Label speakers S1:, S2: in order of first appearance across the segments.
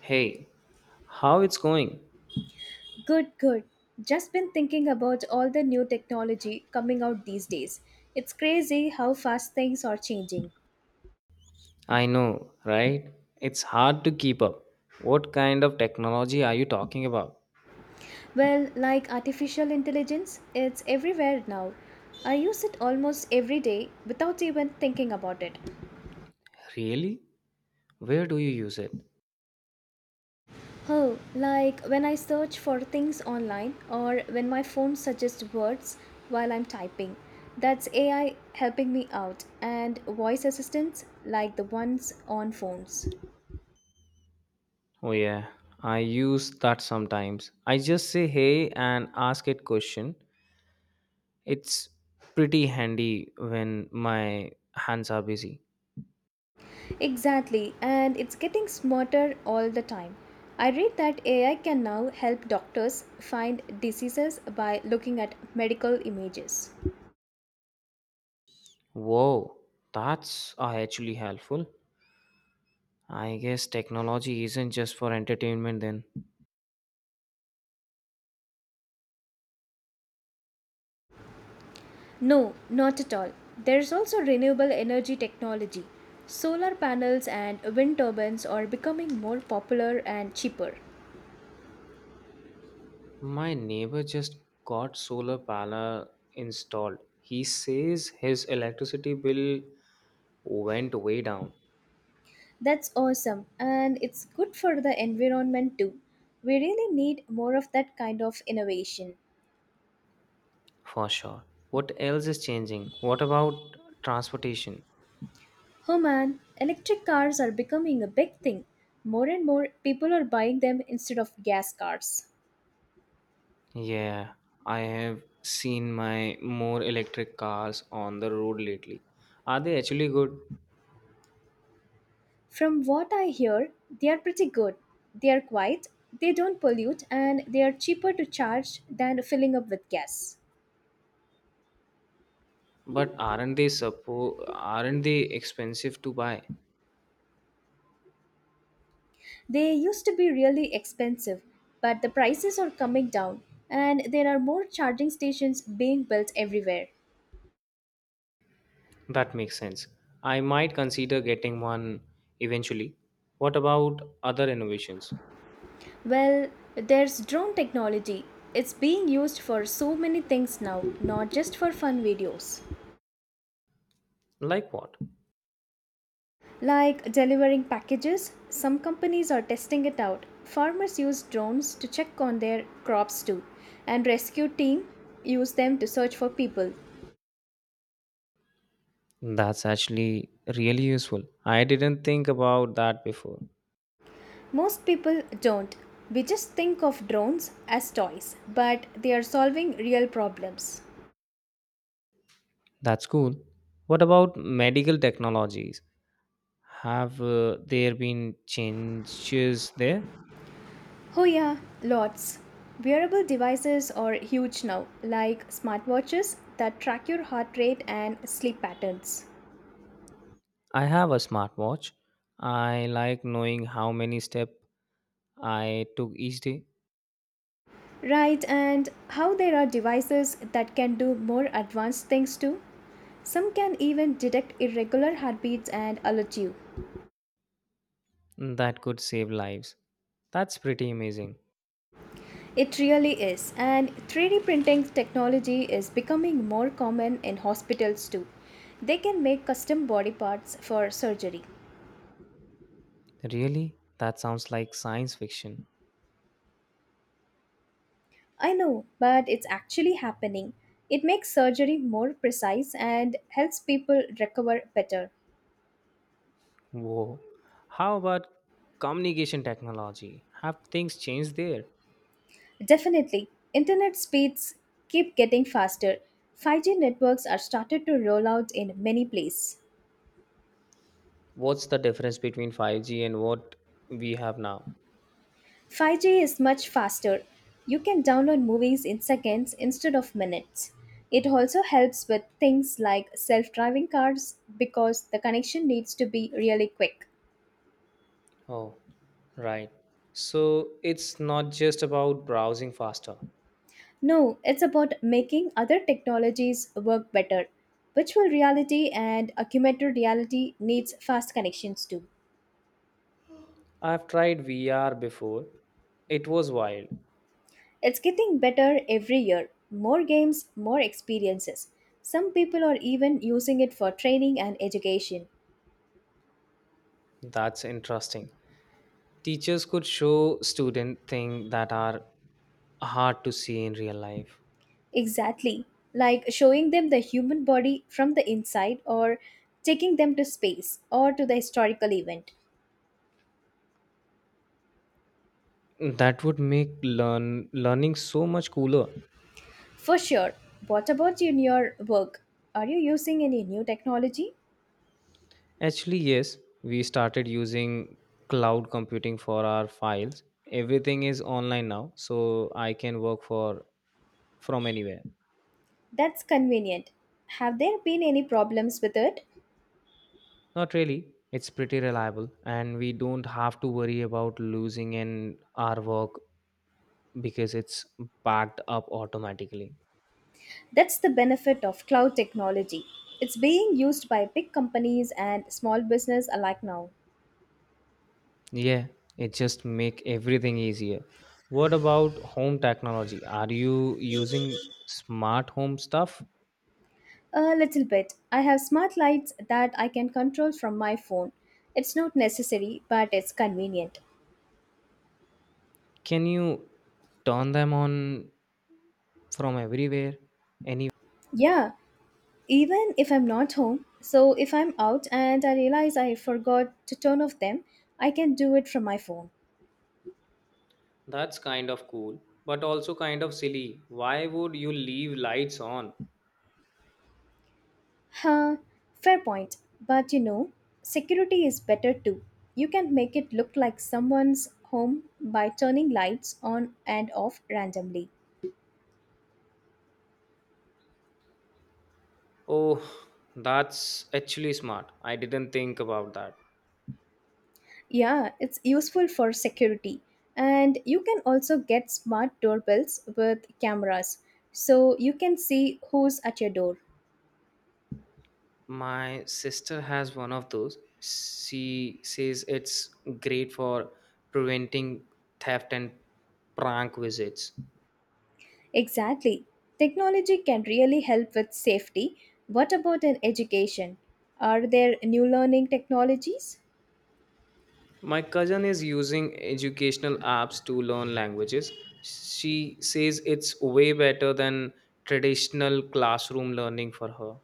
S1: Hey, how it's going?
S2: Good, good. Just been thinking about all the new technology coming out these days. It's crazy how fast things are changing.
S1: I know, right? It's hard to keep up. What kind of technology are you talking about?
S2: Well, like artificial intelligence, it's everywhere now. I use it almost every day without even thinking about it.
S1: Really? Where do you use it?
S2: Oh, like when I search for things online or when my phone suggests words while I'm typing. That's AI helping me out, and voice assistants like the ones on phones.
S1: Oh yeah, I use that sometimes. I just say hey and ask it question. It's pretty handy when my hands are busy.
S2: Exactly, and it's getting smarter all the time. I read that AI can now help doctors find diseases by looking at medical images.
S1: Whoa, that's actually helpful. I guess technology isn't just for entertainment then.
S2: No, not at all. There's also renewable energy technology. Solar panels and wind turbines are becoming more popular and cheaper.
S1: My neighbor just got solar panel installed. He says his electricity bill went way down
S2: That's awesome, and it's good for the environment too. We really need more of that kind of innovation.
S1: for sure. What else is changing? What about transportation?
S2: Oh man, electric cars are becoming a big thing. More and more people are buying them instead of gas cars.
S1: Yeah, I have seen my more electric cars on the road lately. Are they actually good?
S2: From what I hear, they are pretty good. They are quiet, they don't pollute, and they are cheaper to charge than filling up with gas.
S1: But aren't they expensive to buy?
S2: They used to be really expensive, but the prices are coming down, and there are more charging stations being built everywhere.
S1: That makes sense. I might consider getting one eventually. What about other innovations?
S2: Well, there's drone technology. It's being used for so many things now, not just for fun videos.
S1: Like what?
S2: Like delivering packages. Some companies are testing it out. Farmers use drones to check on their crops too, and rescue team use them to search for people.
S1: That's actually really useful. I didn't think about that before.
S2: Most people don't. We just think of drones as toys, but they are solving real problems.
S1: That's cool. What about medical technologies? Have there been changes there?
S2: Oh yeah, lots. Wearable devices are huge now, like smartwatches that track your heart rate and sleep patterns.
S1: I have a smartwatch. I like knowing how many steps I took each day.
S2: Right, and how there are devices that can do more advanced things too. Some can even detect irregular heartbeats and alert you.
S1: That could save lives. That's pretty amazing.
S2: It really is, and 3D printing technology is becoming more common in hospitals too. They can make custom body parts for surgery.
S1: Really? That sounds like science fiction.
S2: I know, but it's actually happening. It makes surgery more precise and helps people recover better.
S1: Whoa. How about communication technology? Have things changed there?
S2: Definitely. Internet speeds keep getting faster. 5G networks are started to roll out in many places.
S1: What's the difference between 5G and what we have now?
S2: 5G is much faster. You can download movies in seconds instead of minutes. It also helps with things like self driving cars because the connection needs to be really quick.
S1: Oh, right. So it's not just about browsing faster.
S2: No, it's about making other technologies work better. Virtual reality and augmented reality needs fast connections too.
S1: I've tried VR before. It was wild.
S2: It's getting better every year. More games, more experiences. Some people are even using it for training and education.
S1: That's interesting. Teachers could show student things that are hard to see in real life.
S2: Exactly. Like showing them the human body from the inside or taking them to space or to the historical event.
S1: That would make learning so much cooler.
S2: For sure. What about you in your work? Are you using any new technology?
S1: Actually, yes, we started using cloud computing for our files. Everything is online now, so I can work for from anywhere.
S2: That's convenient. Have there been any problems with it?
S1: Not really. It's pretty reliable and we don't have to worry about losing in our work because it's backed up automatically.
S2: That's the benefit of cloud technology. It's being used by big companies and small business alike now.
S1: Yeah, it just make everything easier. What about home technology? Are you using smart home stuff?
S2: A little bit. I have smart lights that I can control from my phone. It's not necessary, but it's convenient.
S1: Can you turn them on from everywhere? Any
S2: Yeah, even if I'm not home. So if I'm out and I realize I forgot to turn off them, I can do it from my phone.
S1: that's kind of cool, but also kind of silly. Why would you leave lights on?
S2: Huh, fair point. But you know, security is better too. You can make it look like someone's home by turning lights on and off randomly.
S1: Oh, that's actually smart. I didn't think about that.
S2: Yeah, it's useful for security. And you can also get smart doorbells with cameras so you can see who's at your door.
S1: My sister has one of those. She says it's great for preventing theft and prank visits.
S2: Exactly. Technology can really help with safety. What about in education? Are there new learning technologies?
S1: My cousin is using educational apps to learn languages. She says it's way better than traditional classroom learning for her.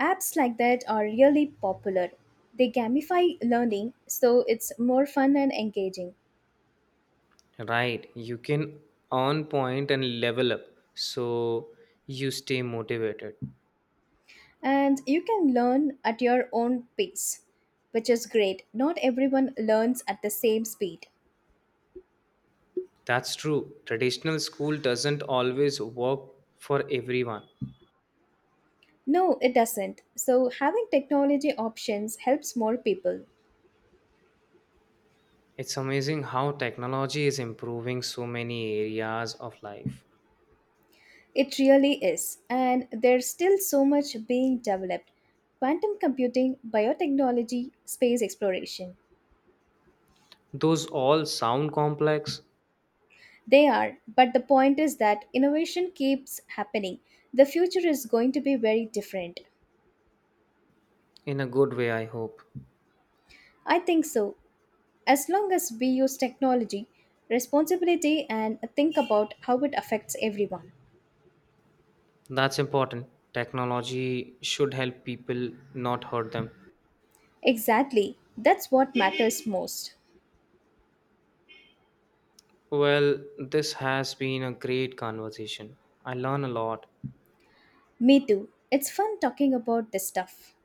S2: Apps like that are really popular. They gamify learning so it's more fun and engaging.
S1: Right, you can earn point and level up so you stay motivated.
S2: And you can learn at your own pace, which is great. Not everyone learns at the same speed.
S1: That's true. Traditional school doesn't always work for everyone.
S2: No, it doesn't. So, having technology options helps more people.
S1: It's amazing how technology is improving so many areas of life.
S2: It really is. And there's still so much being developed: quantum computing, biotechnology, space exploration.
S1: Those all sound complex
S2: They are, but the point is that innovation keeps happening. The future is going to be very different.
S1: in a good way, I hope.
S2: I think so. As long as we use technology, responsibility, and think about how it affects everyone.
S1: That's important. Technology should help people, not hurt them.
S2: Exactly. That's what matters most.
S1: Well, this has been a great conversation. I learn a lot.
S2: Me too. It's fun talking about this stuff.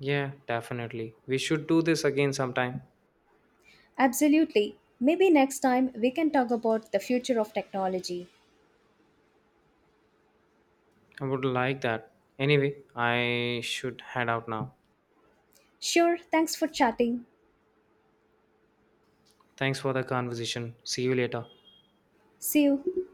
S1: Yeah, definitely. We should do this again sometime.
S2: Absolutely. Maybe next time we can talk about the future of technology.
S1: I would like that. Anyway, I should head out now.
S2: Sure, thanks for chatting.
S1: Thanks for the conversation. See you later.
S2: See you.